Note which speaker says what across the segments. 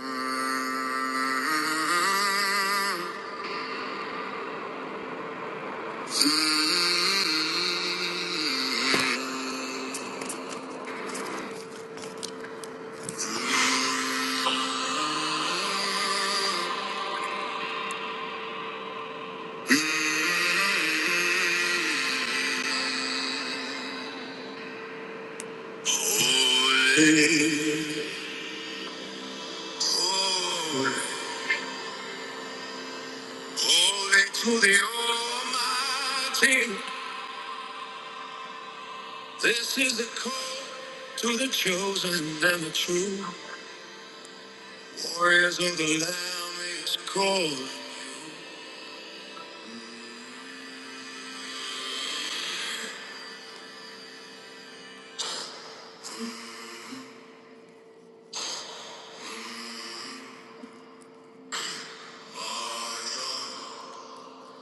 Speaker 1: Holy, holy, holy to the Almighty. This is the call to the chosen and the true warriors of the Lamb is called.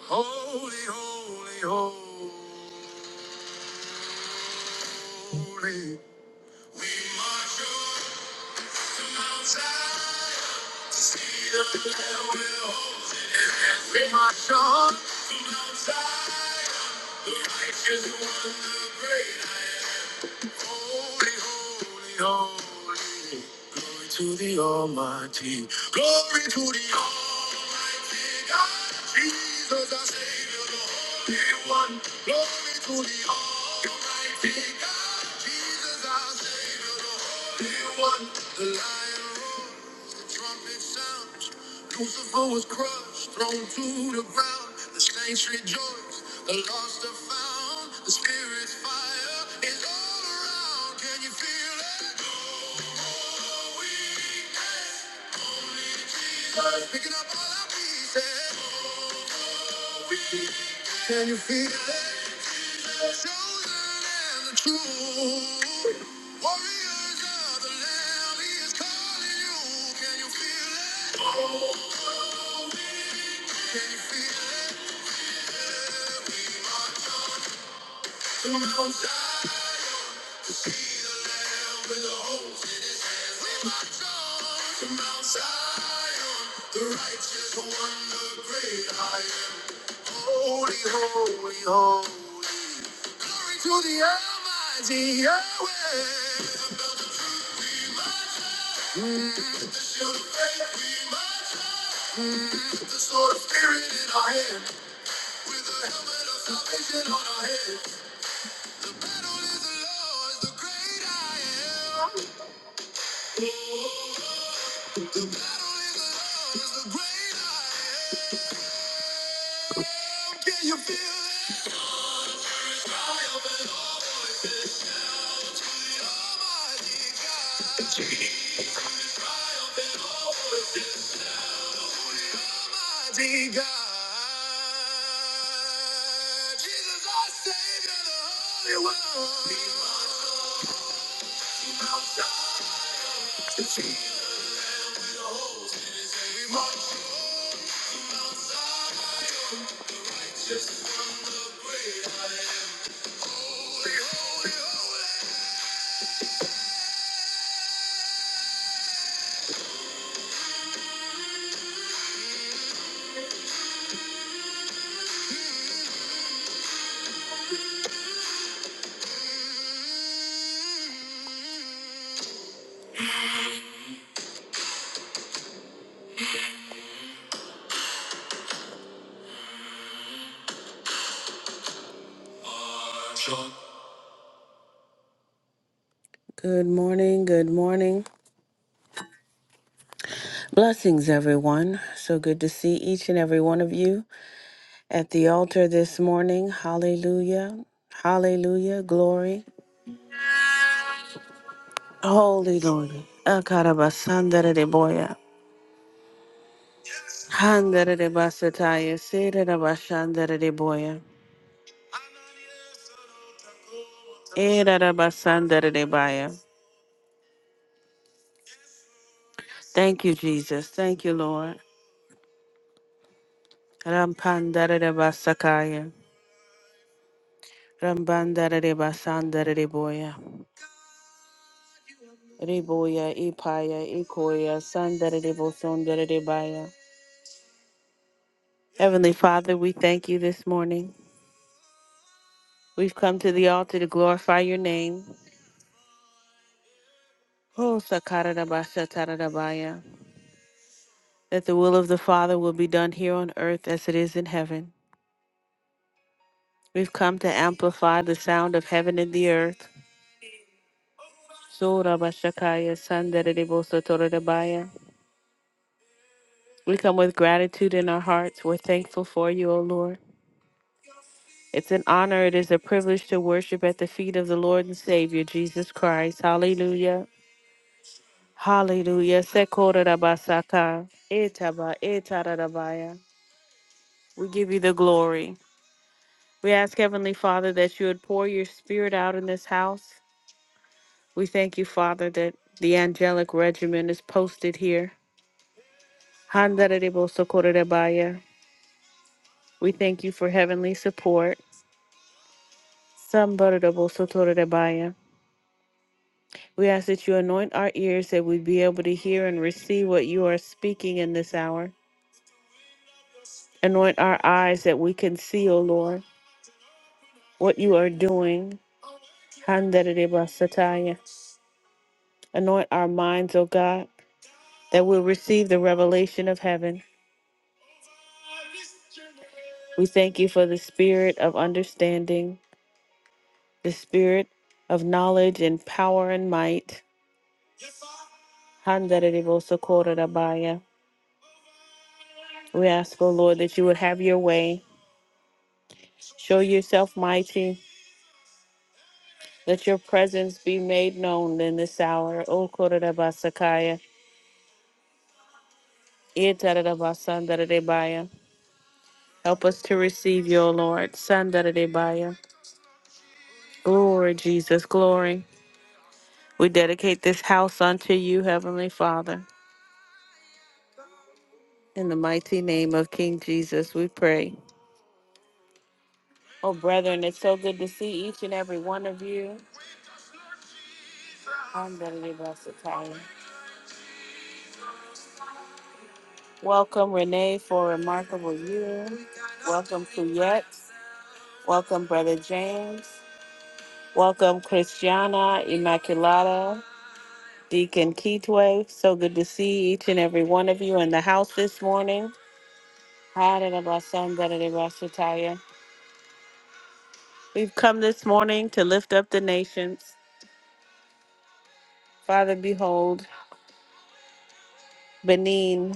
Speaker 1: Holy, holy, holy. We march up to Mount Zion to see the Lamb will hold it. We march on to Mount Zion, the righteous one, the great I am. Holy, holy, holy. Glory to the Almighty. Glory to the Almighty God. Jesus, our Savior, the Holy One. Glory to the Almighty God. Jesus, our Savior, the Holy One. The Lion. roars. The trumpet sounds. Lucifer was crushed, thrown to the ground. The saints rejoice, the lost are found. The spirit's fire is all around. Can you feel it? Oh, oh, oh, we can. Picking up all our pieces. Can you feel it? Chosen and the truth. Warriors of the Lamb, He is calling you. Can you feel it? Can you feel it? We march on. Come on, Zion. We march on to Mount Zion, the righteous one, the great I am. Holy, holy, holy. Glory to the Almighty Yahweh. About the belt of truth we march on, the shield of faith we march on. Mm, with the sword of spirit in our hand, with the helmet of salvation on our head. The battle is the Lord's, the great I am. The battle is love is the great I am. Can you feel it? The Triumph and all for the Almighty God. Jesus. Triumph and all for the Almighty God. Jesus, our Savior, the Holy One. He marched on Mount Zion to see the hosts in his name. We march on Mount Zion. Just from the great I am, holy, holy, holy. Good morning. Good morning. Blessings, everyone. So good to see each and every one of you at the altar this morning. Hallelujah. Hallelujah. Glory. Holy Lord. Akarabasandere de boya. Handere de basataya. Sere de bashandere de boya. Erarabasandararebaya. Thank you, Jesus. Thank you, Lord. Rampandarerebasakaya. Rambandarerebasandarereboya. Reboya, Ipaya, Ikoya, Sandarerebosondarerebaya. Heavenly Father, we thank you this morning. We've come to the altar to glorify your name. Oh, Sakarabashatarabaya. That the will of the Father will be done here on earth as it is in heaven. We've come to amplify the sound of heaven and the earth. Sura Bashakaya Sandarebo Sotorodabaya. We come with gratitude in our hearts. We're thankful for you, O Lord. It's an honor, it is a privilege to worship at the feet of the Lord and Savior, Jesus Christ. Hallelujah. Hallelujah. Sekorabasaka. Etaba etarabaya. We give you the glory. We ask Heavenly Father that you would pour your spirit out in this house. We thank you, Father, that the angelic regiment is posted here. Handarebo-sokorodebaya. We thank you for heavenly support. Sambarodebo-sotorodebaya. We ask that you anoint our ears that we be able to hear and receive what you are speaking in this hour. Anoint our eyes that we can see, O Lord, what you are doing. Handarebo-sataya. Anoint our minds, O God, that we'll receive the revelation of heaven. We thank you for the spirit of understanding, the spirit of knowledge and power and might. Handarabosokora-dabaya. We ask, O Lord, that you would have your way. Show yourself mighty. Let your presence be made known in this hour. O Okorabasakaya. Itarabasandarabaya. Help us to receive you, O Lord. Sandarabaya. Glory, Jesus, glory. We dedicate this house unto you, Heavenly Father. In the mighty name of King Jesus, we pray. Oh, brethren, it's so good to see each and every one of you. I'm Beverly Bassatari. Welcome, Renee, for a remarkable year. Welcome, Fouillette. Welcome, Brother James. Welcome, Christiana Immaculata, Deacon Keithway. So good to see each and every one of you in the house this morning. Hallelujah. We've come this morning to lift up the nations. Father, behold, Benin.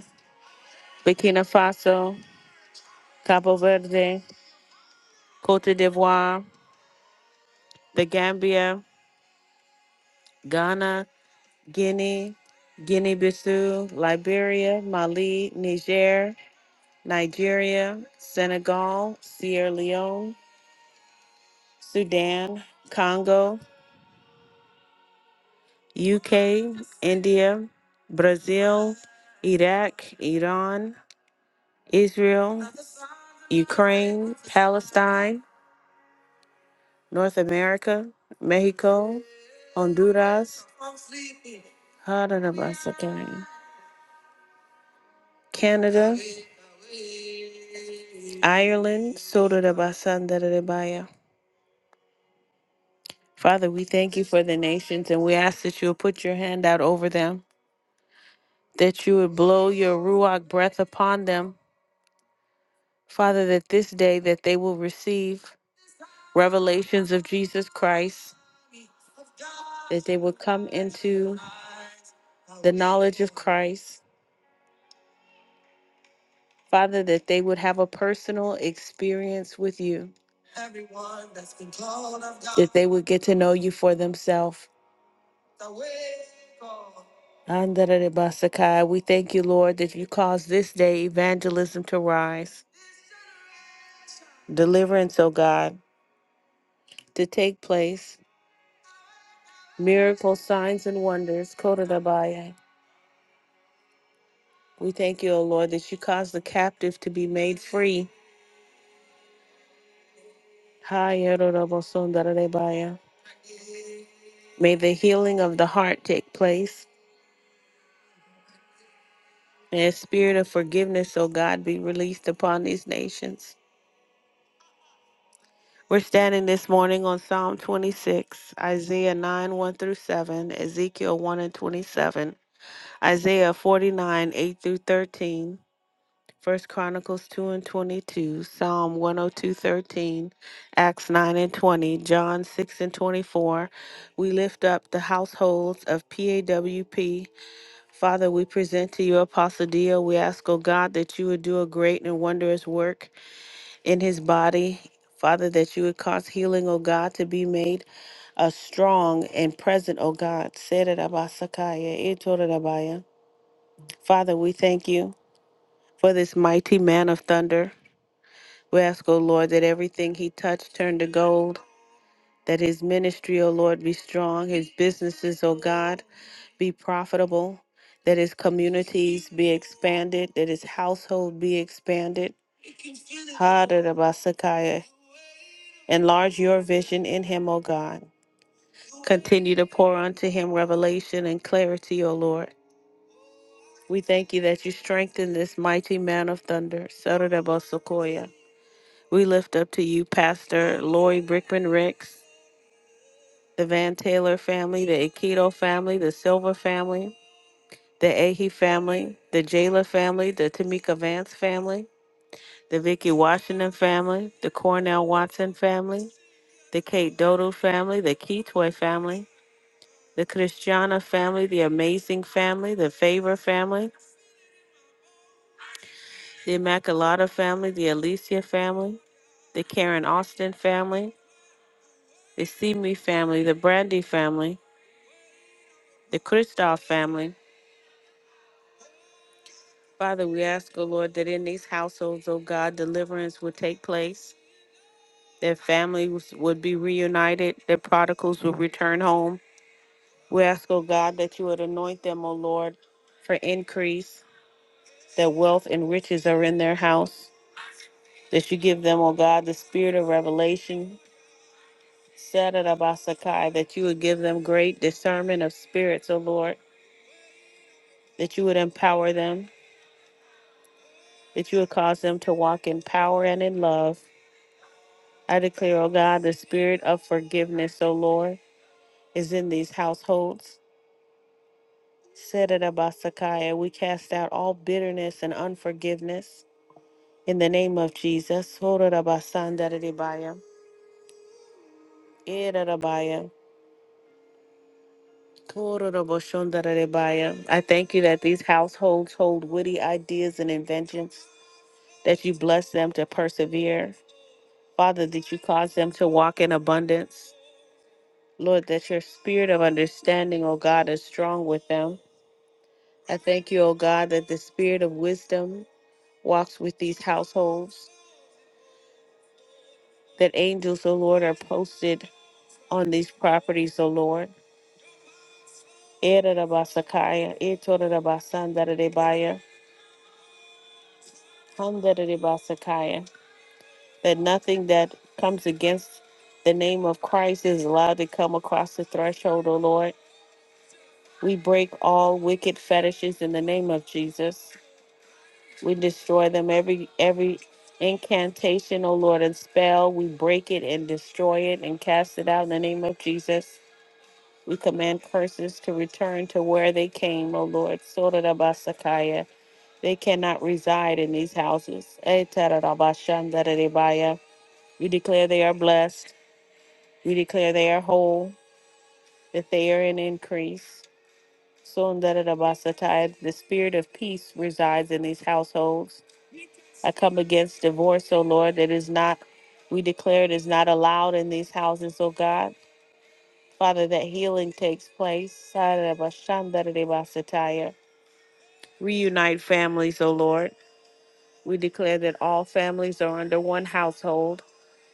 Speaker 1: Burkina Faso, Cabo Verde, Cote d'Ivoire, The Gambia, Ghana, Guinea, Guinea Bissau, Liberia, Mali, Niger, Nigeria, Senegal, Sierra Leone, Sudan, Congo, UK, India, Brazil, Iraq, Iran, Israel, Ukraine, Palestine. North America, Mexico, Honduras, Haradabasakaya, Canada, Ireland, Sodarabasandarabai. Father, we thank you for the nations and we ask that you would put your hand out over them, that you would blow your Ruach breath upon them. Father, that this day that they will receive revelations of Jesus Christ, that they will come into the knowledge of Christ, Father, that they would have a personal experience with you, Everyone that's been called of God. that they would get to know you for themselves. Andarabasaka, We thank you, Lord, that you cause this day evangelism to rise, deliverance, O God, to take place, miracles, signs, and wonders. Kodadabaya. We thank you, O Lord, that you cause the captive to be made free. Hayarorobosondaradebaya. May the healing of the heart take place. and a spirit of forgiveness, O God, be released upon these nations. We're standing this morning on Psalm 26, Isaiah 9, 1 through 7, Ezekiel 1 and 27, Isaiah 49, 8 through 13, First Chronicles 2 and 22, Psalm 102:13, Acts 9 and 20, John 6 and 24. We lift up the households of PAWP. Father, we present to you Apostle Dio. We ask, O God, that you would do a great and wondrous work in his body. Father, that you would cause healing, O God, to be made uh, strong and present, O God. Sererabasakaya, itorerabaya. Father, we thank you for this mighty man of thunder. We ask, O Lord, that everything he touched turn to gold, that his ministry, O Lord, be strong, his businesses, O God, be profitable, that his communities be expanded, that his household be expanded. Ha-da-da-ba-sa-kaya. Enlarge your vision in him, O God. Continue to pour unto him revelation and clarity, O Lord. We thank you that you strengthen this mighty man of thunder. sa da da We lift up to you, Pastor Lori Brickman Ricks. the Van Taylor family, the Aikido family, the Silver family, the Ahe family, the Jayla family, the Tamika Vance family, the Vicky Washington family, the Cornell Watson family, the Kate Dodo family, the Keytoy family, the Christiana family, the Amazing family, the Favor family, the Immaculata family, the Alicia family, the Karen Austin family, the Simi family, the Brandy family, the Kristoff family, Father, we ask, O Lord, that in these households, O God, deliverance would take place, that families would be reunited, that prodigals would return home. We ask, O God, that you would anoint them, O Lord, for increase, that wealth and riches are in their house, that you give them, O God, the spirit of revelation, Sakai, that you would give them great discernment of spirits, O Lord, that you would empower them, that you would cause them to walk in power and in love I declare, O God, the spirit of forgiveness, O Lord, is in these households. Said it about Sakaya. We cast out all bitterness and unforgiveness in the name of Jesus. Horarabasandaradibaya, erarabaya, kororoboshondaradibaya. I thank you that these households hold witty ideas and inventions, that you bless them to persevere. Father, that you cause them to walk in abundance. Lord, that your spirit of understanding, O God, is strong with them I thank you, O God, that the spirit of wisdom walks with these households, that angels, O Lord, are posted on these properties, O Lord. Ererabasakaya, etorerabasandarerebaya, handarerebasakaya, That nothing that comes against the name of Christ is allowed to come across the threshold, O Lord. We break all wicked fetishes in the name of Jesus. We destroy them every every incantation, O Lord, and spell. We break it and destroy it and cast it out in the name of Jesus. We command curses to return to where they came, O Lord. Sorarabasakaya. They cannot reside in these houses. Etarabashandarerebaya. We declare they are blessed. We declare they are whole, that they are in increase. Sundarabhasatai, the spirit of peace resides in these households. I come against divorce, O Lord, that is not, we declare it is not allowed in these houses, O God. Father, that healing takes place. Sarabashandarabhasatai. Reunite families, O Lord. We declare that all families are under one household,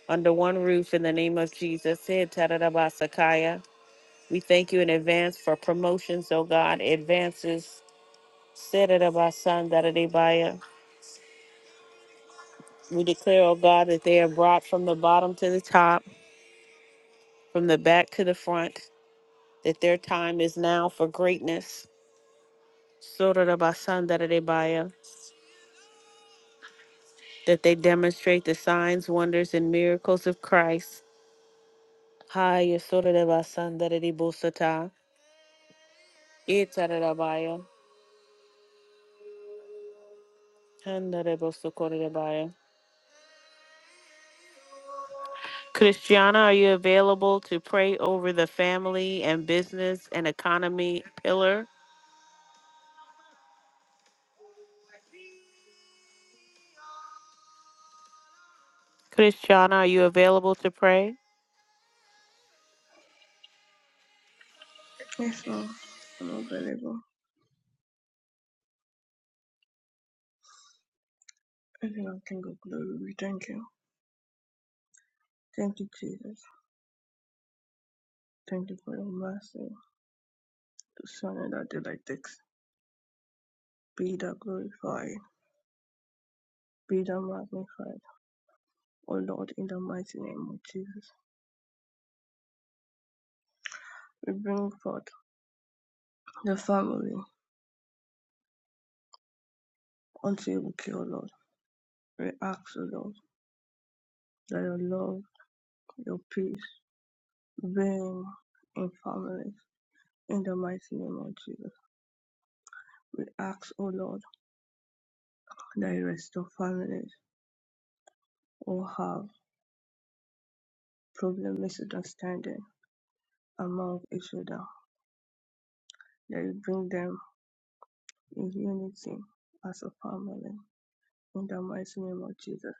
Speaker 1: under one roof in the name of Jesus. Said Tararabasakaya. We thank you in advance for promotions, O God, advances, Sedadabasandaradibaya. We declare, O God, that they are brought from the bottom to the top, from the back to the front, that their time is now for greatness. Sodadabasandaradibaya. That they demonstrate the signs, wonders, and miracles of Christ. Haya sodadabasandaradibosata. Itaradabaya. Handadabosokoradabaya. Christiana, are you available to pray over the family and business and economy pillar? Christiana, are you available to pray?
Speaker 2: Yes, ma'am. I'm available. Everyone can go glory. We thank you. Thank you, Jesus. Thank you for your mercy. The Son and the did like Be thou glorified. Be thou magnified. O Lord, in the mighty name of Jesus. We bring forth the family unto you, O Lord. We ask, O Lord, that your love, your peace, reign in families. In the mighty name of Jesus. We ask, O Lord, that you restore families. O have. problem misunderstanding among each other, that you bring them in unity as a family. In the mighty name of Jesus,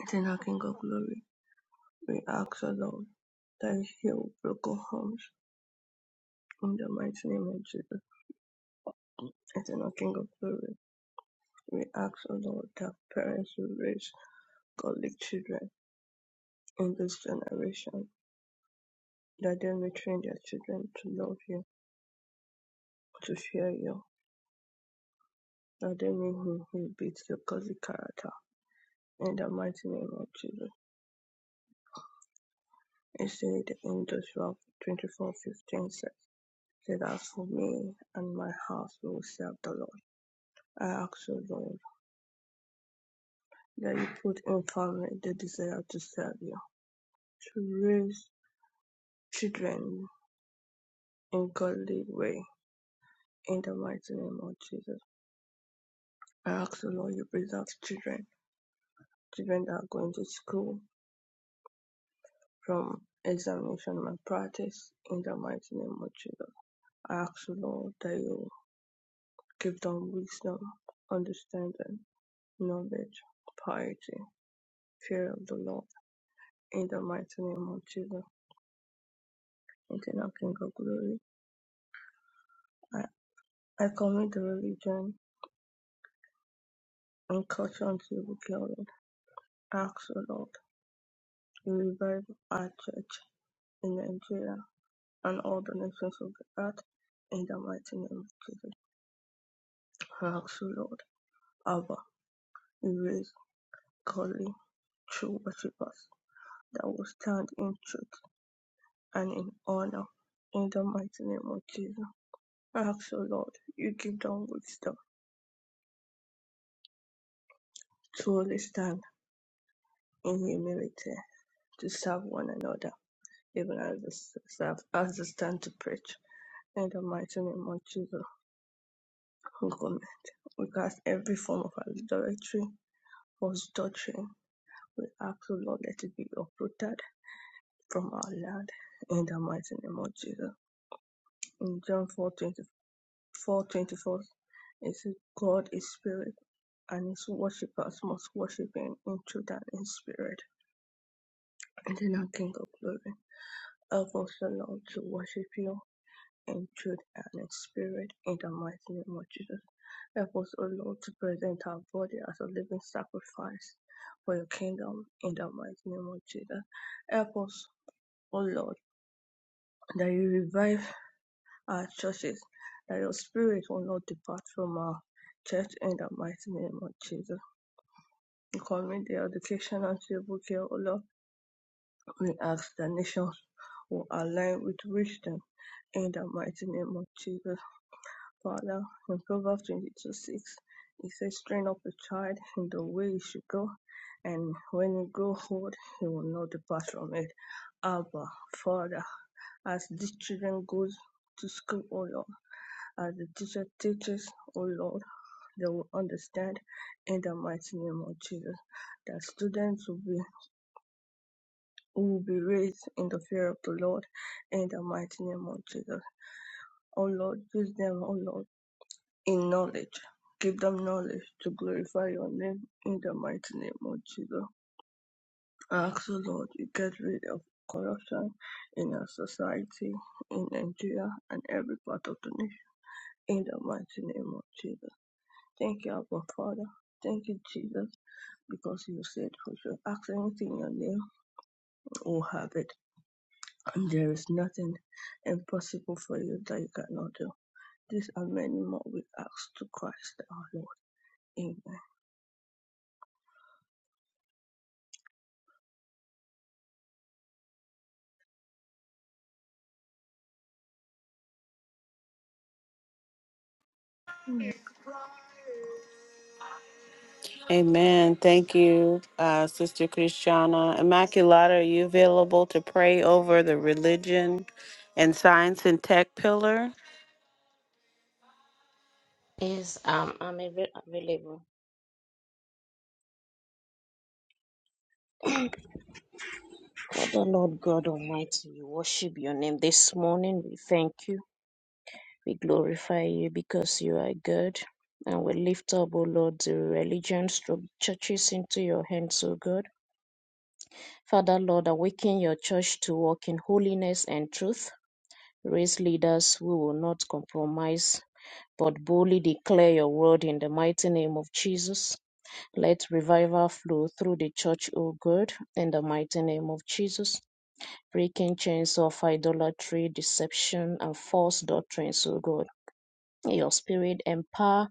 Speaker 2: eternal King of glory, we ask, the Lord, that you heal broken homes. In the mighty name of Jesus, eternal King of glory, we ask, the Lord, that parents will raise godly children in this generation, that they may train their children to love you, to fear you, that they may inhibit your godly character In the mighty name of Jesus. It said in Joshua twenty four fifteen says, Say that for me and my house we will serve the Lord. I ask you, Lord, that you put in family the desire to serve you, to raise children in godly way. In the mighty name of Jesus. I ask you, Lord, you preserve children, children that are going to school from examination and practice. In the mighty name of Jesus. I ask you, Lord, that you Give them wisdom, understanding, knowledge, piety, fear of the Lord. In the mighty name of Jesus, eternal King of glory, I, I commit the religion and culture unto you, Lord. Ask the Lord to revive our church in Nigeria and all the nations of the earth. In the mighty name of Jesus, ask the Lord, Abba, erase godly true worshippers that will stand in truth and in honor. In the mighty name of Jesus, I ask, O Lord, you give them wisdom to truly stand in humility to serve one another, even as they serve, as they stand to preach. In the mighty name of Jesus, we commit, we cast every form of idolatry, false doctrine. We ask, O Lord, let it be uprooted from our land. In the mighty name of Jesus. In John 4:25. 424 it says God is spirit and his worshippers must worship him in truth and in spirit. And then our King of glory, help us, O Lord, to worship you in truth and in spirit in the mighty name of Jesus. Help us, O Lord, to present our body as a living sacrifice for your kingdom in the mighty name of Jesus. Help us, O Lord, that you revive our churches, that your spirit will not depart from our church in the mighty name of Jesus. We commit the education and civil care, O Lord. We ask the nations will align with wisdom in the mighty name of Jesus. Father, in Proverbs 22 6, it says, Train up a child in the way he should go, and when he grow old, he will not depart from it. Abba, Father, as these children go to school, O Lord, as the teacher teaches, O Lord, they will understand in the mighty name of Jesus. That students will be will be raised in the fear of the Lord in the mighty name of Jesus. O Lord, use them, O Lord in knowledge. Give them knowledge to glorify your name in the mighty name of Jesus. I ask you, Lord, you get rid of corruption in our society, in Nigeria, and every part of the nation in the mighty name of Jesus. Thank you, Abba Father. Thank you, Jesus, because you said we should ask anything in your name, we'll have it. And there is nothing impossible for you that you cannot do. These are many more we ask to Christ our Lord. Amen. Amen.
Speaker 1: Amen. Thank you, uh, Sister Christiana. Immaculata, are you available to pray over the religion and science and tech pillar?
Speaker 3: Yes, um, I'm ava- available. Father, Lord God Almighty, we worship your name this morning. We thank you. We glorify you because you are good. And we lift up, O Lord, the religions, the churches into your hands, O God. Father, Lord, awaken your church to walk in holiness and truth. Raise leaders who will not compromise, but boldly declare your word in the mighty name of Jesus. Let revival flow through the church, O God, in the mighty name of Jesus, breaking chains of idolatry, deception, and false doctrines, O God. May Your spirit empower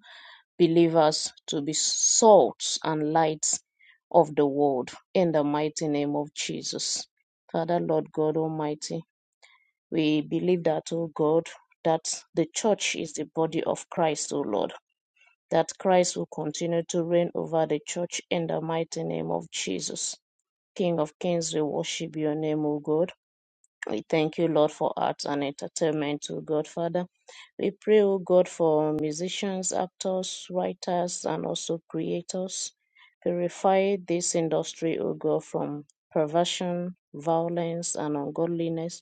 Speaker 3: believers to be salt and lights of the world in the mighty name of Jesus. Father, Lord God Almighty, we believe that, O God, that the church is the body of Christ, O Lord that Christ will continue to reign over the church in the mighty name of Jesus. King of kings, we worship your name, O God. We thank you, Lord, for arts and entertainment, O God, Father. We pray, O God, for musicians, actors, writers, and also creators. Purify this industry, O God, from perversion, violence, and ungodliness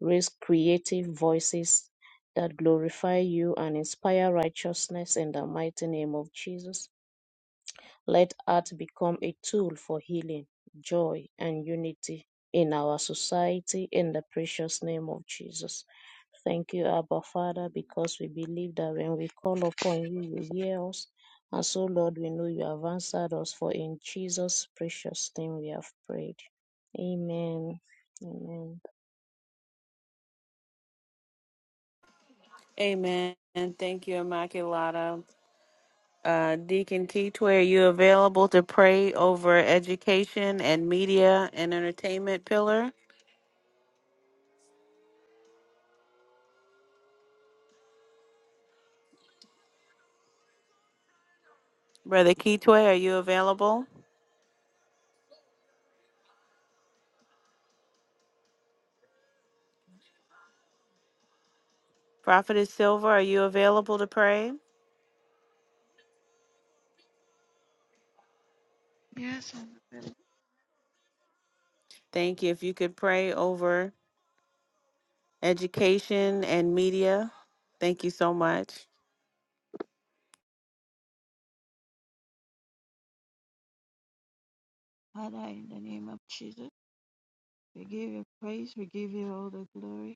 Speaker 3: Raise creative voices that glorify you and inspire righteousness in the mighty name of Jesus. Let art become a tool for healing, joy, and unity in our society in the precious name of Jesus. Thank you, Abba Father, because we believe that when we call upon you, you hear us. And so, Lord, we know you have answered us, for in Jesus' precious name we have prayed. Amen. Amen.
Speaker 1: Amen. And thank you, Immaculata. Uh, Deacon Titwe, are you available to pray over education and media and entertainment pillar? Brother Kitwe, are you available? Prophetess Silva, are you available to pray?
Speaker 4: Yes, and the
Speaker 1: Thank you. If you could pray over education, and media. Thank you so much.
Speaker 4: Father, in the name of Jesus, we give you praise, we give you all the glory,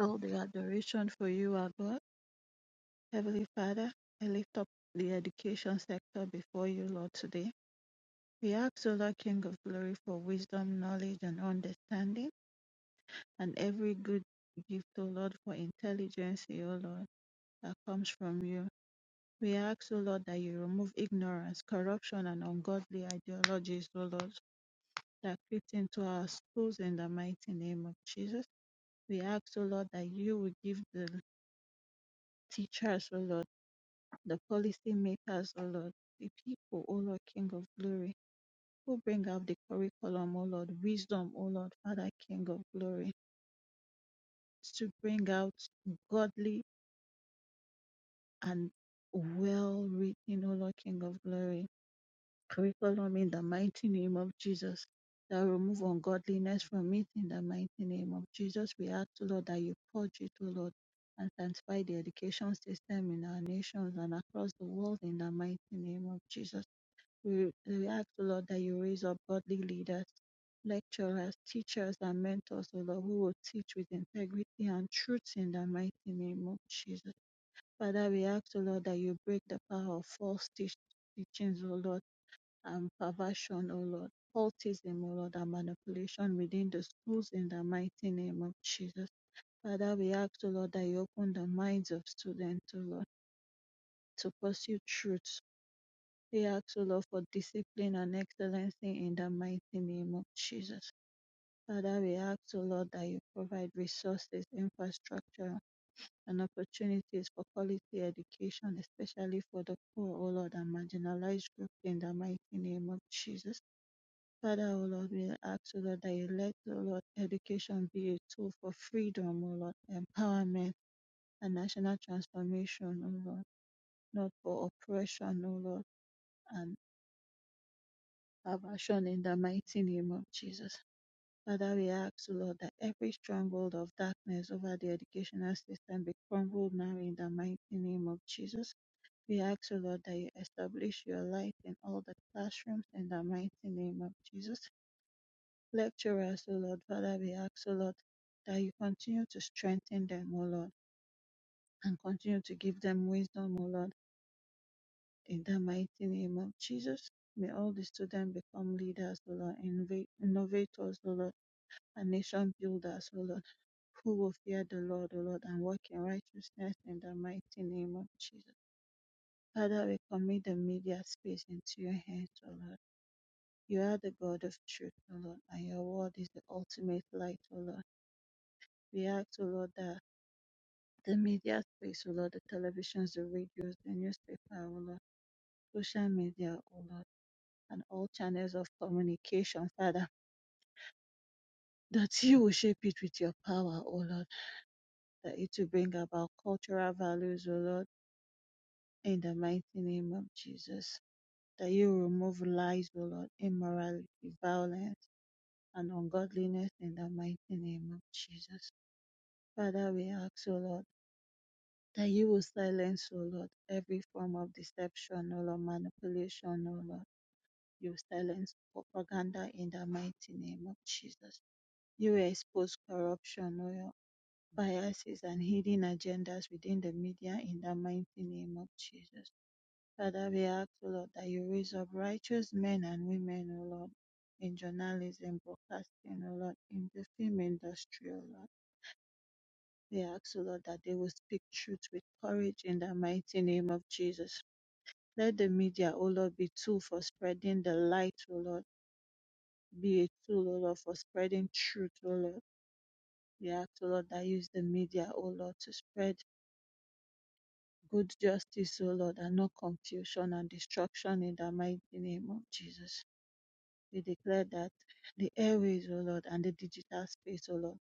Speaker 4: all the adoration for you, our God. Heavenly Father, I lift up the education sector before you, Lord, today. We ask, O Lord, King of glory, for wisdom, knowledge, and understanding, and every good gift, O Lord, for intelligence, O Lord, that comes from you. We ask, O Lord, that you remove ignorance, corruption, and ungodly ideologies, O Lord, that fits into our schools in the mighty name of Jesus. We ask, O Lord, that you will give the teachers, O Lord, the policy makers, O Lord, the people, O Lord, King of glory, who bring out the curriculum, O Lord, wisdom, O Lord, Father, King of glory, to bring out godly and well written, O Lord, King of glory curriculum in the mighty name of Jesus. That will remove ungodliness from it in the mighty name of Jesus. We ask, O Lord, that you purge it, O Lord, and sanctify the education system in our nations and across the world in the mighty name of Jesus. We, we ask, O Lord, that you raise up godly leaders, lecturers, teachers, and mentors, O Lord, who will teach with integrity and truth in the mighty name of Jesus. Father, we ask, O Lord, that you break the power of false teach- teachings, O Lord and perversion, O Lord, cultism, O Lord, and manipulation within the schools in the mighty name of Jesus. Father, we ask, O Lord, that you open the minds of students, O Lord, to pursue truth. We ask, O Lord, for discipline and excellency in the mighty name of Jesus. Father, we ask, O Lord, that you provide resources, infrastructure, and opportunities for quality education, especially for the poor, O Lord, and marginalized groups in the mighty name of Jesus. Father, O Lord, we ask, O Lord, that you let, O Lord, education be a tool for freedom, O Lord, empowerment, and national transformation, O Lord, not for oppression, O Lord, and aversion in the mighty name of Jesus. Father, we ask, O Lord, that every stronghold of darkness over the educational system be crumbled now in the mighty name of Jesus. We ask, O Lord, that you establish your light in all the classrooms in the mighty name of Jesus. Lecturers, O Lord, Father, we ask, O Lord, that you continue to strengthen them, O Lord, and continue to give them wisdom, O Lord, in the mighty name of Jesus. May all the students become leaders, O Lord, innov- innovators, O Lord, and nation builders, O Lord, who will fear the Lord, O Lord, and walk in righteousness in the mighty name of Jesus. Father, we commit the media space into your hands, O Lord. You are the God of truth, O Lord, and your word is the ultimate light, O Lord. We ask, O Lord, that The media space o Lord, the televisions, the radios, the newspaper, o Lord, social media, o Lord, and all channels of communication, Father, that you will shape it with your power, O Lord, that it will bring about cultural values, O Lord, in the mighty name of Jesus. That you will remove lies, O Lord, immorality, violence, and ungodliness in the mighty name of Jesus. Father, we ask, O Lord, that you will silence, O Lord, every form of deception, O Lord, manipulation, O Lord You silence propaganda in the mighty name of Jesus. You expose corruption, oil, biases, and hidden agendas within the media in the mighty name of Jesus. Father, we ask, O Lord, that you raise up righteous men and women, O Lord, in journalism, broadcasting, O Lord, in the film industry, O Lord. We ask, O Lord, that they will speak truth with courage in the mighty name of Jesus. Let the media, O Lord, be tool for spreading the light, O Lord be a tool, O Lord, for spreading truth, O Lord. We ask, O Lord, that use the media, O Lord, to spread good justice, O Lord, and no confusion and destruction in the mighty name of Jesus. We declare that the airways, O Lord, and the digital space, O Lord,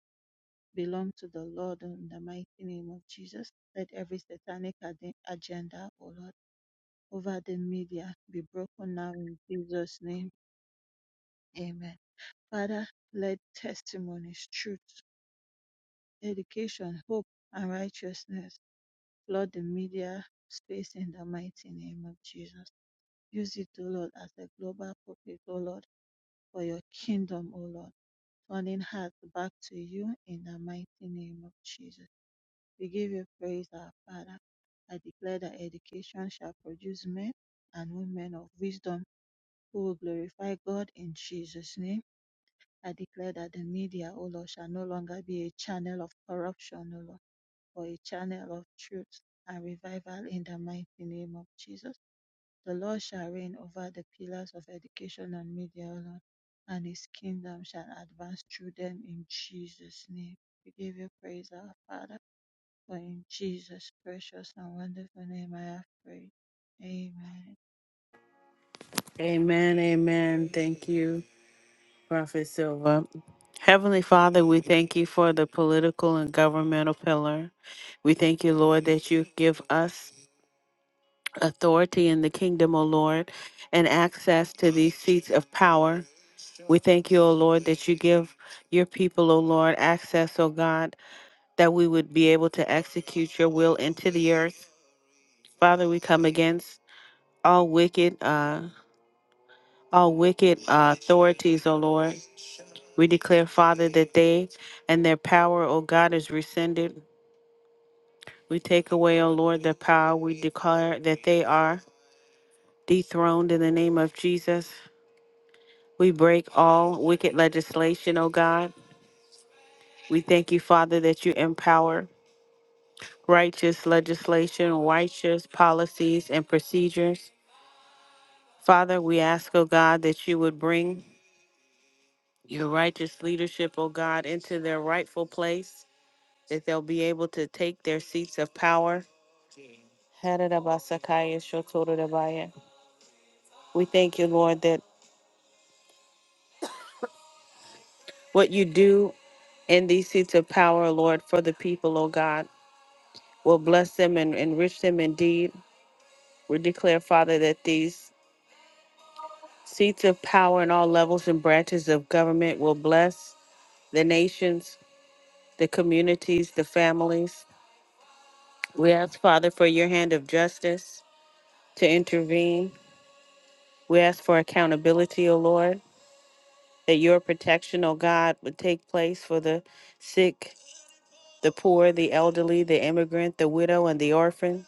Speaker 4: belong to the Lord in the mighty name of Jesus. Let every satanic ade- agenda, O Lord, over the media be broken now in Jesus' name. Amen. Father, let testimonies, truth, Education, hope, and righteousness flood the media space in the mighty name of Jesus. Use it, O Lord, as a global pulpit, O Lord, for your kingdom, O Lord, turning hearts back to you in the mighty name of Jesus. We give you praise, our Father. I declare that education shall produce men and women of wisdom who will glorify God in Jesus' name. I declare that the media, O Lord, shall no longer be a channel of corruption, O Lord for a channel of truth and revival in the mighty name of Jesus. The Lord shall reign over the pillars of education and media, O Lord, and his kingdom shall advance through them in Jesus' name. We give you praise, our Father, for in Jesus' precious and wonderful name I have prayed. Amen.
Speaker 1: Amen. Amen. Thank you, Prophet Silva. Heavenly Father, we thank you for the political and governmental pillar. We thank you, Lord, that you give us authority in the kingdom, O Lord, and access to these seats of power. We thank you, O Lord, that you give your people, O Lord, access, O God, that we would be able to execute your will into the earth. Father, we come against all wicked. uh, all wicked uh, authorities, O Lord. We declare, Father, that they and their power, O God, is rescinded. We take away, O Lord, their power. We declare that they are dethroned in the name of Jesus. We break all wicked legislation, O God. We thank you, Father, that you empower righteous legislation, righteous policies and procedures. Father, we ask, O God, that you would bring your righteous leadership, O God, into their rightful place. that they'll be able to take their seats of power. Haradabasakaya shotorodabaya. We thank you, Lord, that what you do in these seats of power, Lord, for the people, oh God, will bless them and enrich them indeed. We declare, Father, that these seats of power in all levels and branches of government will bless the nations, the communities, the families. We ask, Father, for your hand of justice to intervene. We ask for accountability, O Lord. that your protection, O God, would take place for the sick, the poor, the elderly, the immigrant, the widow, and the orphan.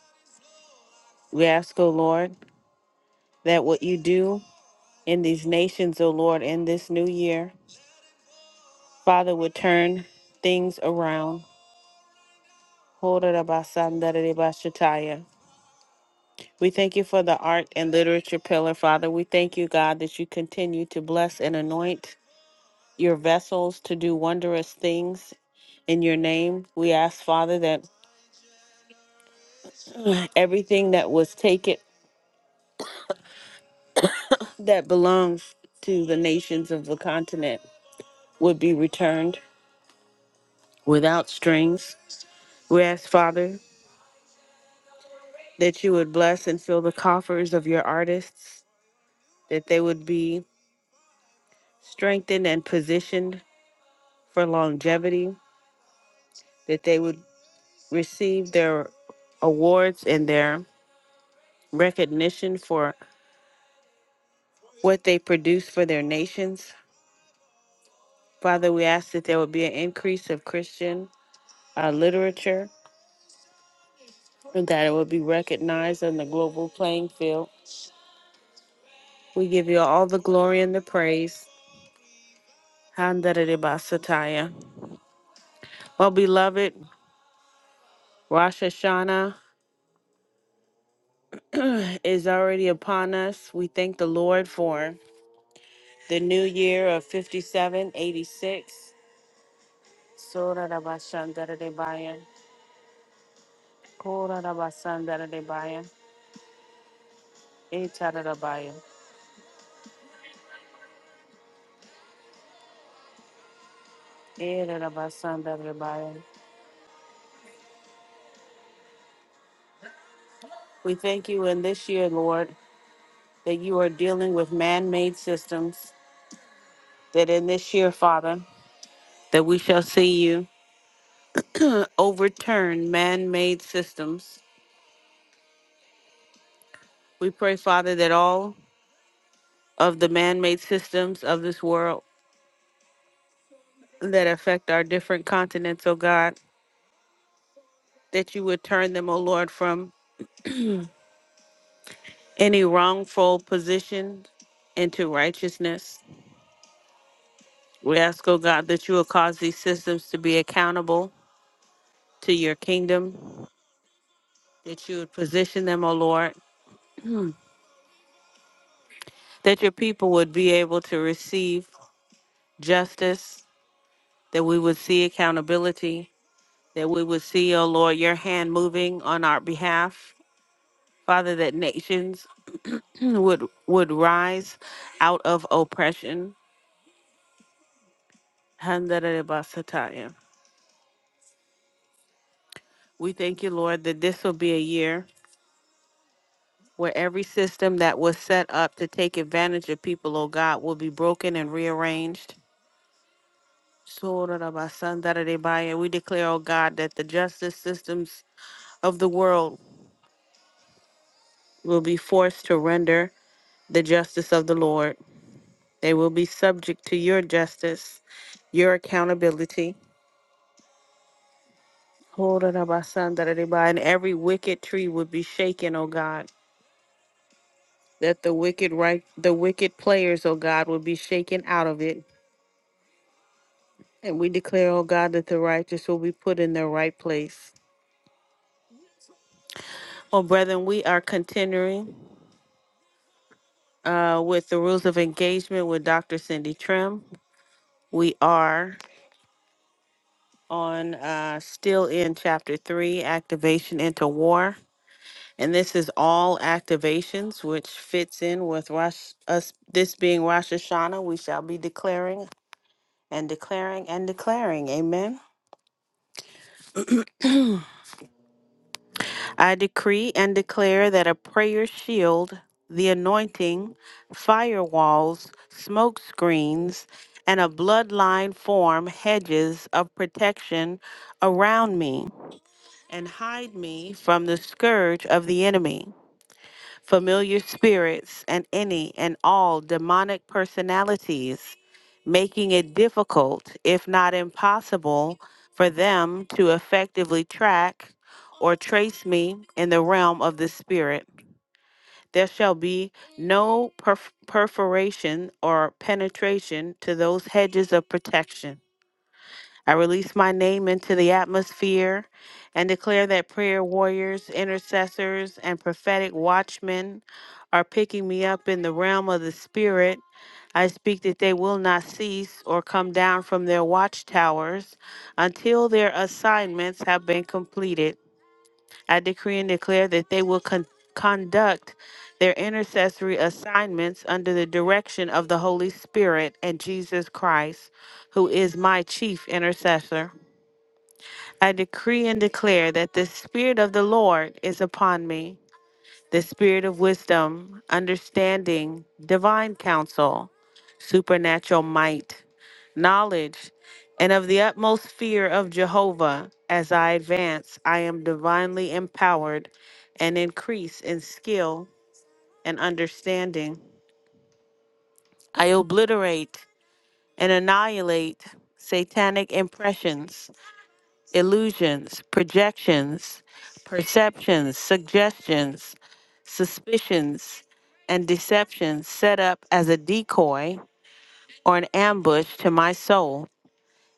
Speaker 1: We ask, O Lord, that what you do in these nations, O Lord, in this new year, Father, would turn things around. We thank you for the art and literature pillar, Father. We thank you, God, that you continue to bless and anoint your vessels to do wondrous things in your name. We ask, Father, that Everything that was taken that belongs to the nations of the continent would be returned without strings. We ask, Father, that you would bless and fill the coffers of your artists, that they would be strengthened and positioned for longevity, that they would receive their awards and their recognition for what they produce for their nations. Father, we ask that there would be an increase of Christian uh, literature and that it will be recognized on the global playing field. We give you all the glory and the praise. Handaridibasataya. Well, beloved, Rosh Hashanah is already upon us. We thank the Lord for the new year of 5786. Sorarabashandaridibaya. Korarabasandaridibaya. Etararabaya. Erarabasandaridibaya. We thank you in this year, Lord, that you are dealing with man made systems that in this year, Father, that we shall see you overturn man made systems. We pray, Father, that all of the man made systems of this world that affect our different continents, oh God, that you would turn them, oh Lord, from any wrongful position into righteousness. We ask, oh God, that you will cause these systems to be accountable to your kingdom, that you would position them, oh Lord, that your people would be able to receive justice that we would see accountability, that we would see, oh Lord, your hand moving on our behalf. Father, that nations would would rise out of oppression. Handarabasataya. We thank you, Lord, that this will be a year where every system that was set up to take advantage of people, oh God, will be broken and rearranged. Sorarabasandaradebaya. We declare, oh God, that the justice systems of the world will be forced to render the justice of the Lord. They will be subject to your justice, your accountability. Ho-ra-ra-ba-san-da-ra-ra-ba. And every wicked tree would be shaken, O God, that the wicked right the wicked players, O God, would be shaken out of it. And we declare, O God, that the righteous will be put in their right place. Oh, brethren, we are continuing uh, with the rules of engagement with Dr. Cindy Trim. We are on uh, still in chapter three, activation into war. And this is all activations, which fits in with Rosh, us, this being Rosh Hashanah, we shall be declaring and declaring and declaring. Amen. I decree and declare that a prayer shield, the anointing, firewalls, smoke screens, and a bloodline form hedges of protection around me and hide me from the scourge of the enemy. familiar spirits, and any and all demonic personalities, making it difficult, if not impossible, for them to effectively track or trace me in the realm of the spirit. There shall be no perf- perforation or penetration to those hedges of protection I release my name into the atmosphere and declare that prayer warriors, intercessors, and prophetic watchmen are picking me up in the realm of the Spirit. I speak that they will not cease or come down from their watchtowers until their assignments have been completed. I decree and declare that they will con- conduct their intercessory assignments under the direction of the Holy Spirit and Jesus Christ, who is my chief intercessor. I decree and declare that the Spirit of the Lord is upon me, the Spirit of wisdom, understanding, divine counsel, supernatural might, knowledge, and of the utmost fear of Jehovah. As I advance, I am divinely empowered and increase in skill and understanding. I obliterate and annihilate satanic impressions illusions, projections, perceptions, suggestions, suspicions, and deceptions set up as a decoy or an ambush to my soul,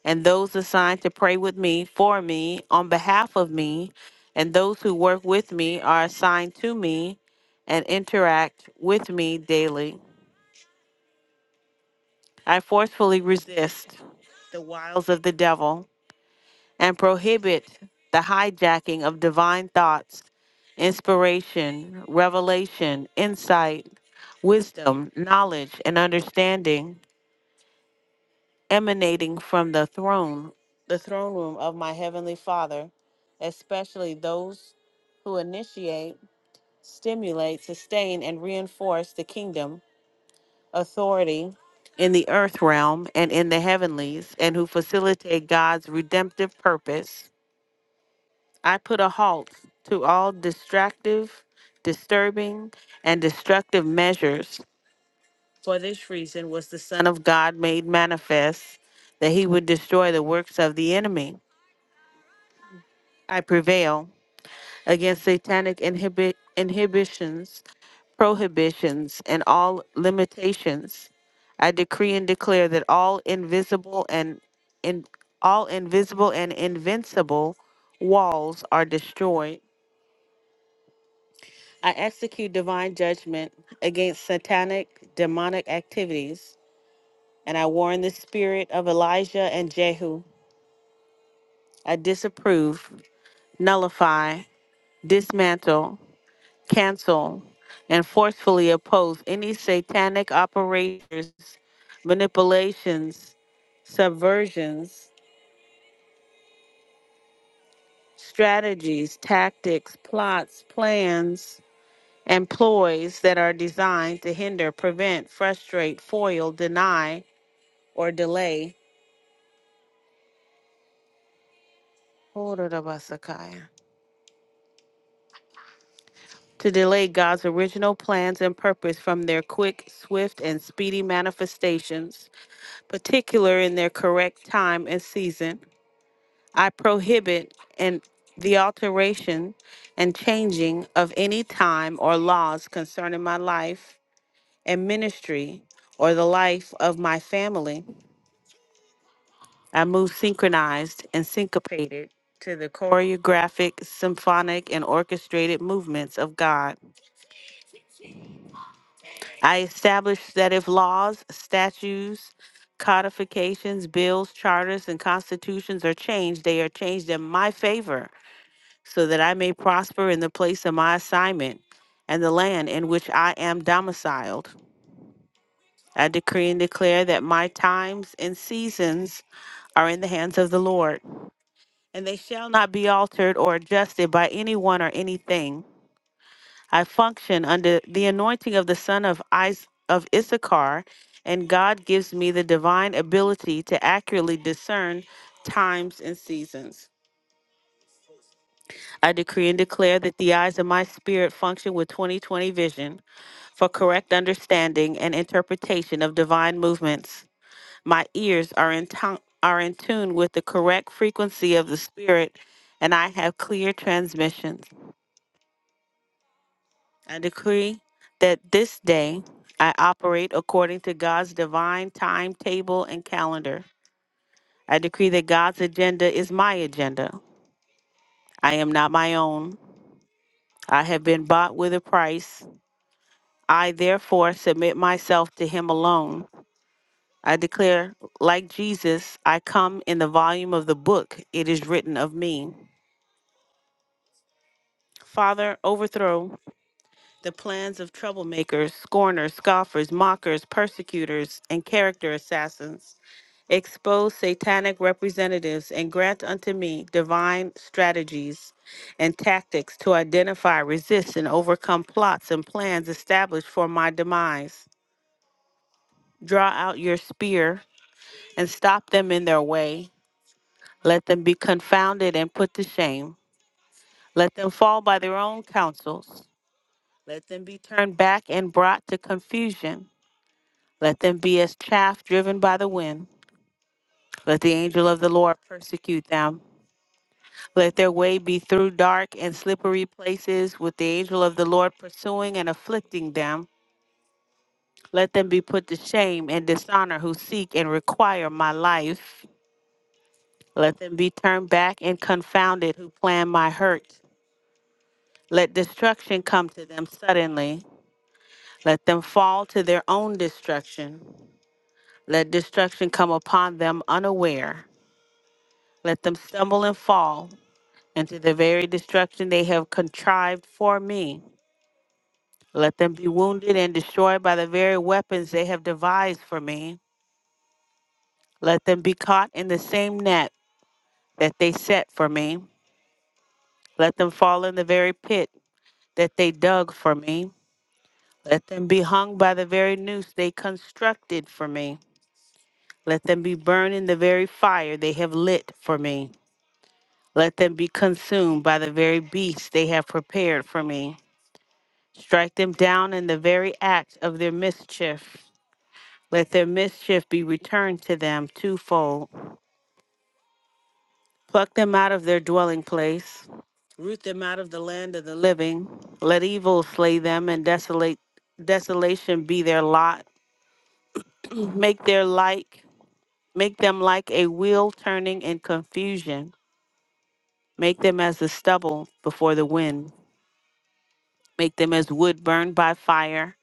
Speaker 1: and those assigned to pray with me, for me, on behalf of me, and those who work with me are assigned to me and interact with me daily. I forcefully resist the wiles of the devil and prohibit the hijacking of divine thoughts, inspiration, revelation, insight, wisdom, knowledge, and understanding emanating from the throne, the throne room of my heavenly Father, especially those who initiate, stimulate, sustain, and reinforce the kingdom authority in the earth realm and in the heavenlies, and who facilitate God's redemptive purpose I put a halt to all distractive, disturbing, and destructive measures. For this reason was the Son of God made manifest that he would destroy the works of the enemy. I prevail against satanic inhibi- inhibitions, prohibitions, and all limitations. I decree and declare that all invisible and in all invisible and invincible walls are destroyed I execute divine judgment against satanic, demonic activities, and I warn the spirit of Elijah and Jehu. I disapprove, nullify, dismantle, cancel, and forcefully oppose any satanic operators, manipulations, subversions, strategies, tactics, plots, plans, and ploys that are designed to hinder, prevent, frustrate, foil, deny, or delay hold to delay God's original plans and purpose from their quick, swift, and speedy manifestations, particular in their correct time and season. I prohibit and the alteration and changing of any time or laws concerning my life and ministry or the life of my family I moved synchronized and syncopated to the choreographic, symphonic, and orchestrated movements of God. I established that if laws, statutes, codifications, bills, charters, and constitutions are changed, they are changed in my favor so that I may prosper in the place of my assignment and the land in which I am domiciled. I decree and declare that my times and seasons are in the hands of the Lord. and they shall not be altered or adjusted by anyone or anything. I function under the anointing of the son of Is- of Issachar, and God gives me the divine ability to accurately discern times and seasons. I decree and declare that the eyes of my spirit function with 2020 vision for correct understanding and interpretation of divine movements. My ears are in, ton- are in tune with the correct frequency of the Spirit, and I have clear transmissions. I decree that this day I operate according to God's divine timetable and calendar. I decree that God's agenda is my agenda. I am not my own. I have been bought with a price. I therefore submit myself to Him alone. I declare, like Jesus, I come in the volume of the book it is written of me. Father, overthrow the plans of troublemakers, scorners, scoffers, mockers, persecutors, and character assassins. expose satanic representatives, and grant unto me divine strategies and tactics to identify, resist, and overcome plots and plans established for my demise. Draw out your spear and stop them in their way. Let them be confounded and put to shame. Let them fall by their own counsels. Let them be turned back and brought to confusion. Let them be as chaff driven by the wind. Let the angel of the Lord persecute them. Let their way be through dark and slippery places, with the angel of the Lord pursuing and afflicting them. Let them be put to shame and dishonor who seek and require my life. Let them be turned back and confounded who plan my hurt. Let destruction come to them suddenly. Let them fall to their own destruction. Let destruction come upon them unaware. Let them stumble and fall into the very destruction they have contrived for me. Let them be wounded and destroyed by the very weapons they have devised for me. Let them be caught in the same net that they set for me. Let them fall in the very pit that they dug for me. Let them be hung by the very noose they constructed for me. Let them be burned in the very fire they have lit for me. Let them be consumed by the very beasts they have prepared for me. Strike them down in the very act of their mischief. Let their mischief be returned to them twofold. Pluck them out of their dwelling place, root them out of the land of the living. Let evil slay them, and desolate desolation be their lot. Make their like, make them like a wheel turning in confusion. Make them as the stubble before the wind. Make them as wood burned by fire.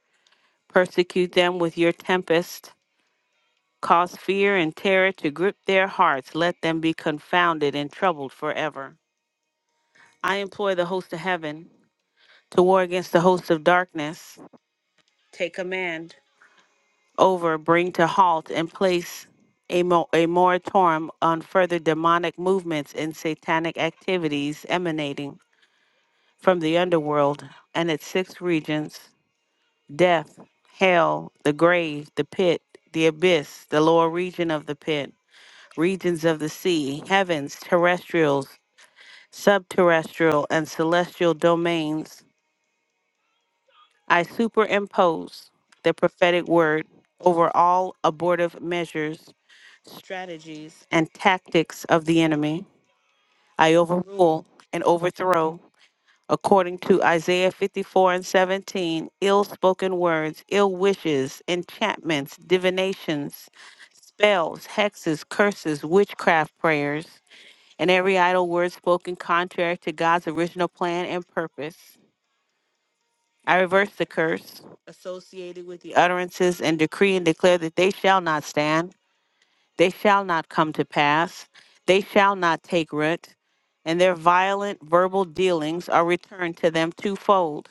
Speaker 1: Persecute them with your tempest. Cause fear and terror to grip their hearts. Let them be confounded and troubled forever. I implore the host of heaven to war against the host of darkness. Take command over, bring to halt, and place a, mo- a moratorium on further demonic movements and satanic activities emanating from the underworld and its six regions death, hell, the grave, the pit, the abyss, the lower region of the pit, regions of the sea, heavens, terrestrials, subterrestrial, and celestial domains I superimpose the prophetic word over all abortive measures, strategies, and tactics of the enemy. I overrule and overthrow, according to Isaiah 54 and 17, ill spoken words, ill wishes, enchantments, divinations, spells, hexes, curses, witchcraft prayers, and every idle word spoken contrary to God's original plan and purpose. I reverse the curse associated with the utterances and decree and declare that they shall not stand, they shall not come to pass, they shall not take root, and their violent verbal dealings are returned to them twofold.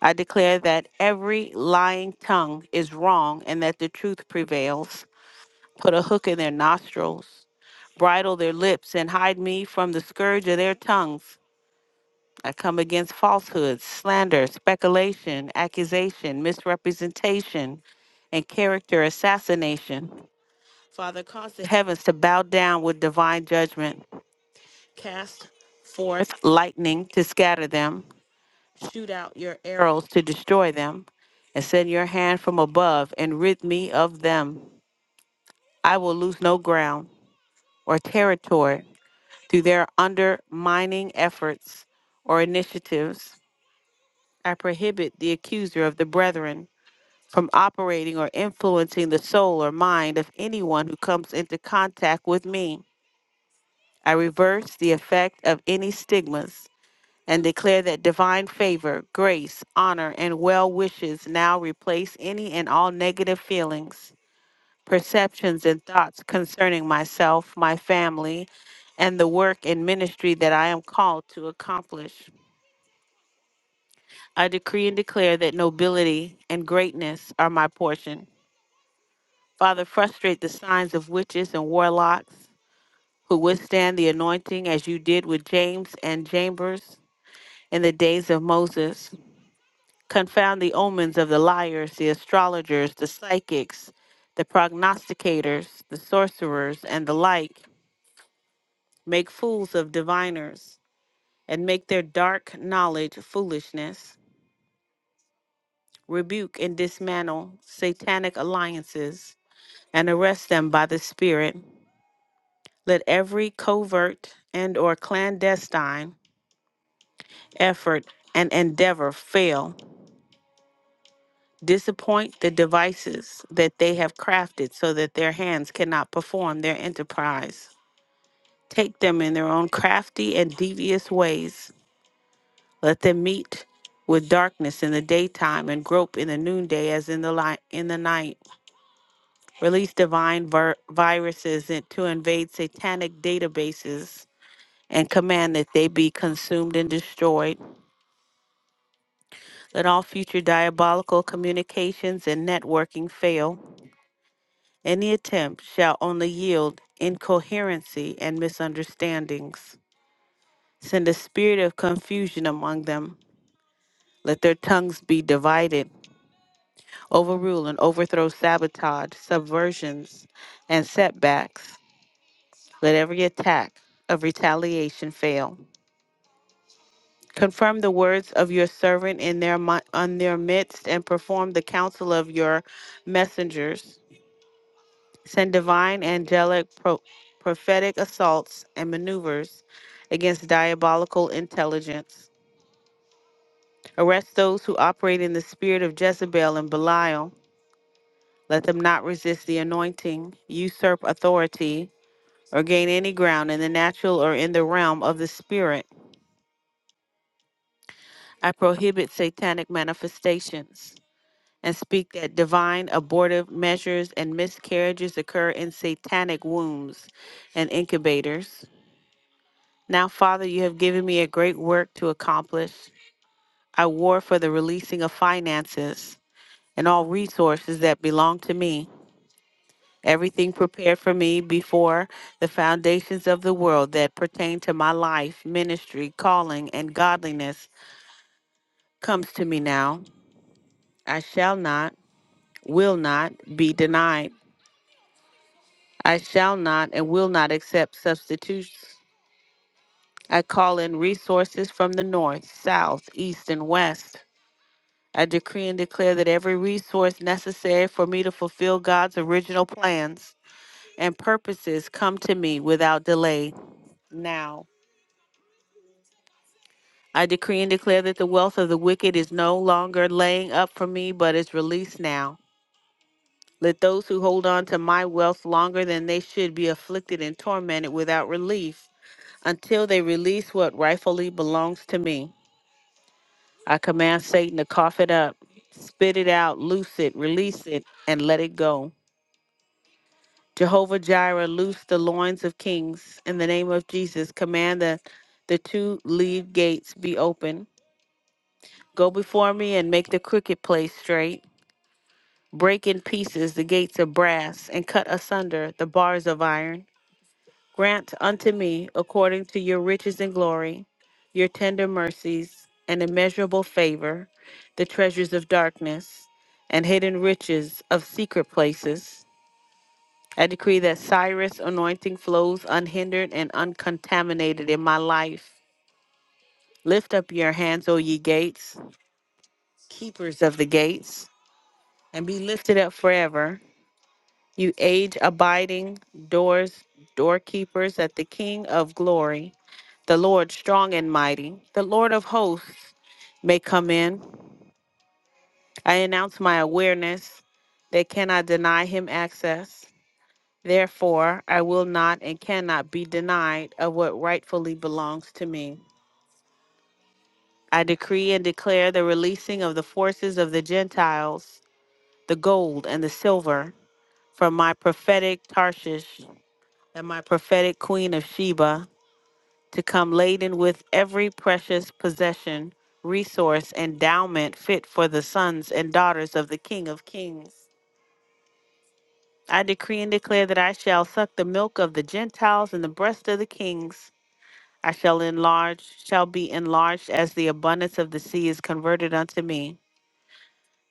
Speaker 1: I declare that every lying tongue is wrong and that the truth prevails. Put a hook in their nostrils, bridle their lips, and hide me from the scourge of their tongues. I come against falsehood, slander, speculation, accusation, misrepresentation, and character assassination. Father, cause the heavens to bow down with divine judgment. Cast forth lightning to scatter them. Shoot out your arrows to destroy them. And send your hand from above and rid me of them. I will lose no ground or territory through their undermining efforts or initiatives. I prohibit the accuser of the brethren from operating or influencing the soul or mind of anyone who comes into contact with me. I reverse the effect of any stigmas and declare that divine favor, grace, honor, and well wishes now replace any and all negative feelings, perceptions, and thoughts concerning myself, my family, and the work and ministry that I am called to accomplish. I decree and declare that nobility and greatness are my portion. Father, frustrate the signs of witches and warlocks who withstand the anointing as you did with James and Chambers in the days of Moses. Confound the omens of the liars, the astrologers, the psychics, the prognosticators, the sorcerers, and the like. Make fools of diviners and make their dark knowledge foolishness. Rebuke and dismantle satanic alliances and arrest them by the Spirit. Let every covert and or clandestine effort and endeavor fail. Disappoint the devices that they have crafted so that their hands cannot perform their enterprise. Take them in their own crafty and devious ways. Let them meet with darkness in the daytime and grope in the noonday as in the light in the night. Release divine vir- viruses in- to invade satanic databases and command that they be consumed and destroyed. Let all future diabolical communications and networking fail. Any attempt shall only yield incoherency and misunderstandings. Send a spirit of confusion among them. Let their tongues be divided, overrule and overthrow sabotage, subversions, and setbacks. Let every attack of retaliation fail. Confirm the words of your servant in their mi- on their midst and perform the counsel of your messengers. Send divine, angelic, pro- prophetic assaults and maneuvers against diabolical intelligence. Arrest those who operate in the spirit of Jezebel and Belial. Let them not resist the anointing, usurp authority, or gain any ground in the natural or in the realm of the spirit. I prohibit satanic manifestations. and speak that divine abortive measures and miscarriages occur in satanic wombs and incubators. Now, Father, you have given me a great work to accomplish. I war for the releasing of finances and all resources that belong to me, everything prepared for me before the foundations of the world that pertain to my life, ministry, calling, and godliness comes to me now. I shall not, will not be denied. I shall not and will not accept substitutions. I call in resources from the north, south, east, and west. I decree and declare that every resource necessary for me to fulfill God's original plans and purposes come to me without delay now. I decree and declare that the wealth of the wicked is no longer laying up for me, but is released now. Let those who hold on to my wealth longer than they should be afflicted and tormented without relief. until they release what rightfully belongs to me. I command Satan to cough it up, spit it out, loose it, release it, and let it go. Jehovah Jireh, loose the loins of kings. In the name of Jesus, command that the two lead gates be open. Go before me and make the crooked place straight. Break in pieces the gates of brass and cut asunder the bars of iron. Grant unto me, according to your riches and glory, your tender mercies and immeasurable favor, the treasures of darkness and hidden riches of secret places. I decree that Cyrus' anointing flows unhindered and uncontaminated in my life. Lift up your hands, O ye gates, keepers of the gates, and be lifted up forever you age abiding doors, doorkeepers at the King of glory, the Lord strong and mighty, the Lord of hosts may come in. I announce my awareness. They cannot deny him access. Therefore, I will not and cannot be denied of what rightfully belongs to me. I decree and declare the releasing of the forces of the Gentiles, the gold and the silver, from my prophetic Tarshish and my prophetic queen of Sheba to come laden with every precious possession, resource, endowment fit for the sons and daughters of the King of Kings. I decree and declare that I shall suck the milk of the Gentiles and the breast of the kings. I shall enlarge, shall be enlarged as the abundance of the sea is converted unto me.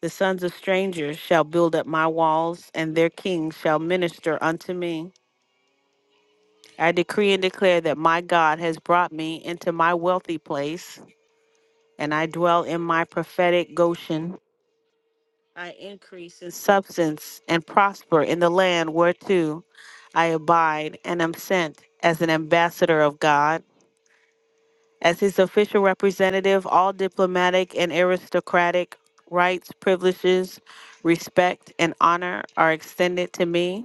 Speaker 1: The sons of strangers shall build up my walls, and their kings shall minister unto me. I decree and declare that my God has brought me into my wealthy place, and I dwell in my prophetic Goshen. I increase in substance and prosper in the land whereto I abide and am sent as an ambassador of God, as his official representative, all diplomatic and aristocratic rights, privileges, respect, and honor are extended to me.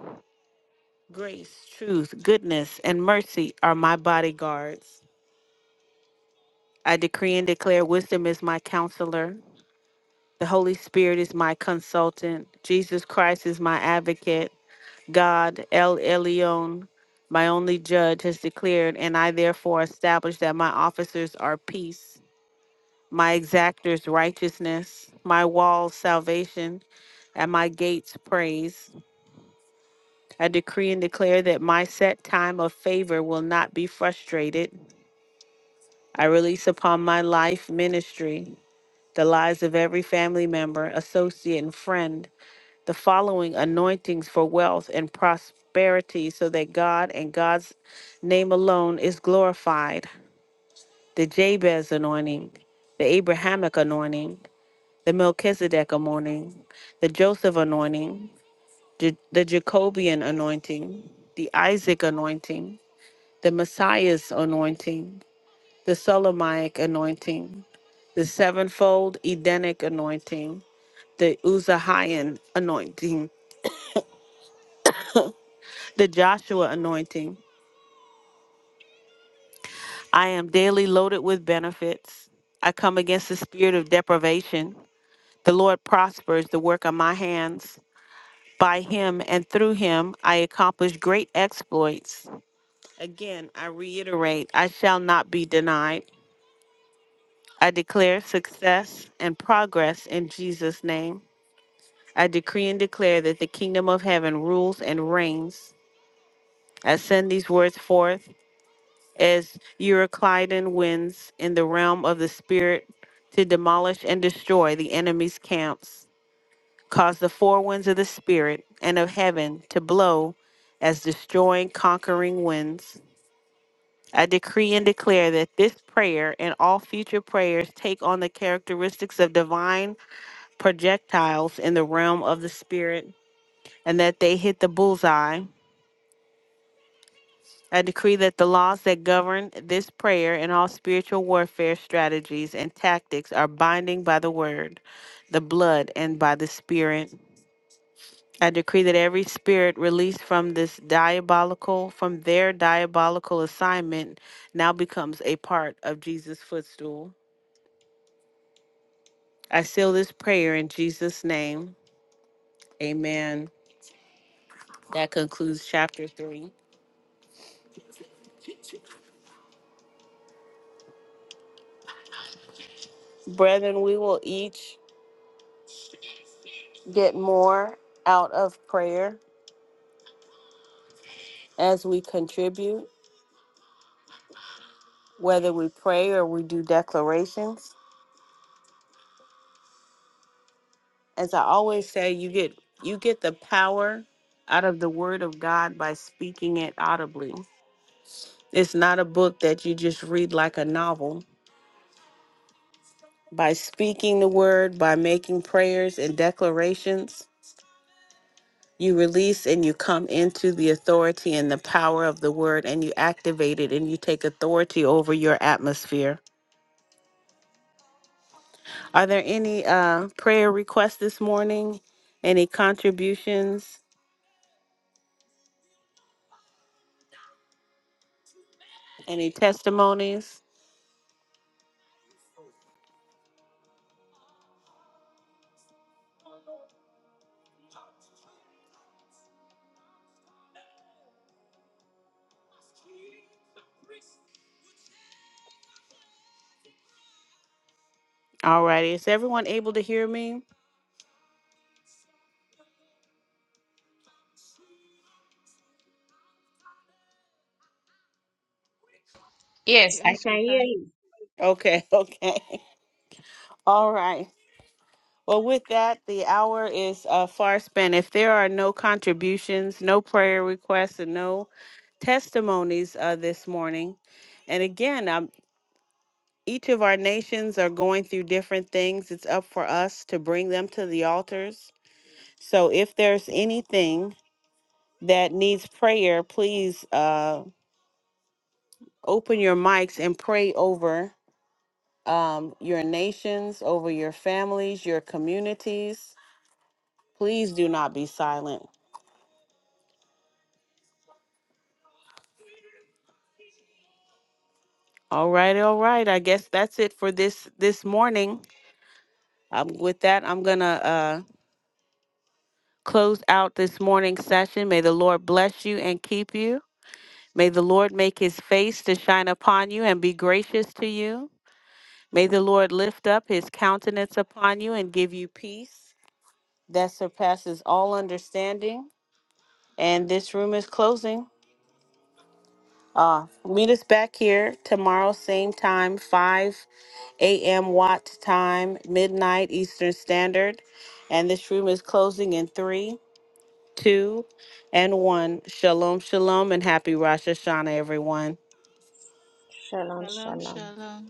Speaker 1: Grace, truth, goodness, and mercy are my bodyguards. I decree and declare wisdom is my counselor. The Holy Spirit is my consultant. Jesus Christ is my advocate. God, El Elyon, my only judge, has declared, and I therefore establish that my officers are peace, my exactors righteousness, my walls salvation, and my gates praise. I decree and declare that my set time of favor will not be frustrated. I release upon my life ministry. the lives of every family member, associate, and friend, the following anointings for wealth and prosperity, so that God and God's name alone is glorified the Jabez anointing, the Abrahamic anointing, the Melchizedek anointing, the Joseph anointing, J- the Jacobian anointing, the Isaac anointing, the Messiah's anointing, the Solomonic anointing, the sevenfold Edenic anointing the Uzahayan anointing, the Joshua anointing. I am daily loaded with benefits. I come against the spirit of deprivation. The Lord prospers the work of my hands. By him and through him, I accomplish great exploits. Again, I reiterate, I shall not be denied. I declare success and progress in Jesus' name. I decree and declare that the kingdom of heaven rules and reigns. I send these words forth as Euroclydon wins in the realm of the spirit to demolish and destroy the enemy's camps. Cause the four winds of the spirit and of heaven to blow as destroying, conquering winds. I decree and declare that this prayer and all future prayers take on the characteristics of divine projectiles in the realm of the spirit and that they hit the bullseye I decree that the laws that govern this prayer and all spiritual warfare strategies and tactics are binding by the word, the blood, and by the spirit. I decree that every spirit released from this diabolical, from their diabolical assignment, now becomes a part of Jesus' footstool. I seal this prayer in Jesus' name. Amen. That concludes chapter three. Brethren, we will each get more out of prayer as we contribute, whether we pray or we do declarations. As I always say, you get you get the power out of the word of God by speaking it audibly. It's not a book that you just read like a novel. By speaking the word, by making prayers and declarations, you release and you come into the authority and the power of the word and you activate it and you take authority over your atmosphere Are there any uh, prayer requests this morning? Any contributions? Any testimonies? All righty. Is everyone able to hear me?
Speaker 3: Yes,
Speaker 4: Yes, we can.
Speaker 1: Okay, okay. All right. Well, with that, the hour is uh, far spent. If there are no contributions, no prayer requests, and no testimonies uh, this morning, and again, um, each of our nations are going through different things. It's up for us to bring them to the altars. So if there's anything that needs prayer, please uh, open your mics and pray over um, your nations, over your families, your communities. Please do not be silent. All right, all right. I guess that's it for this this morning. Um, with that, I'm gonna uh, close out this morning's session. May the Lord bless you and keep you. May the Lord make His face to shine upon you and be gracious to you. May the Lord lift up His countenance upon you and give you peace. that surpasses all understanding. And this room is closing. Uh, meet us back here tomorrow, same time, 5 a.m. Watt time, midnight Eastern Standard. And this room is closing in three, two, and one. Shalom, shalom, and happy Rosh Hashanah, everyone.
Speaker 3: Shalom,
Speaker 4: Shalom,
Speaker 3: shalom.
Speaker 4: shalom.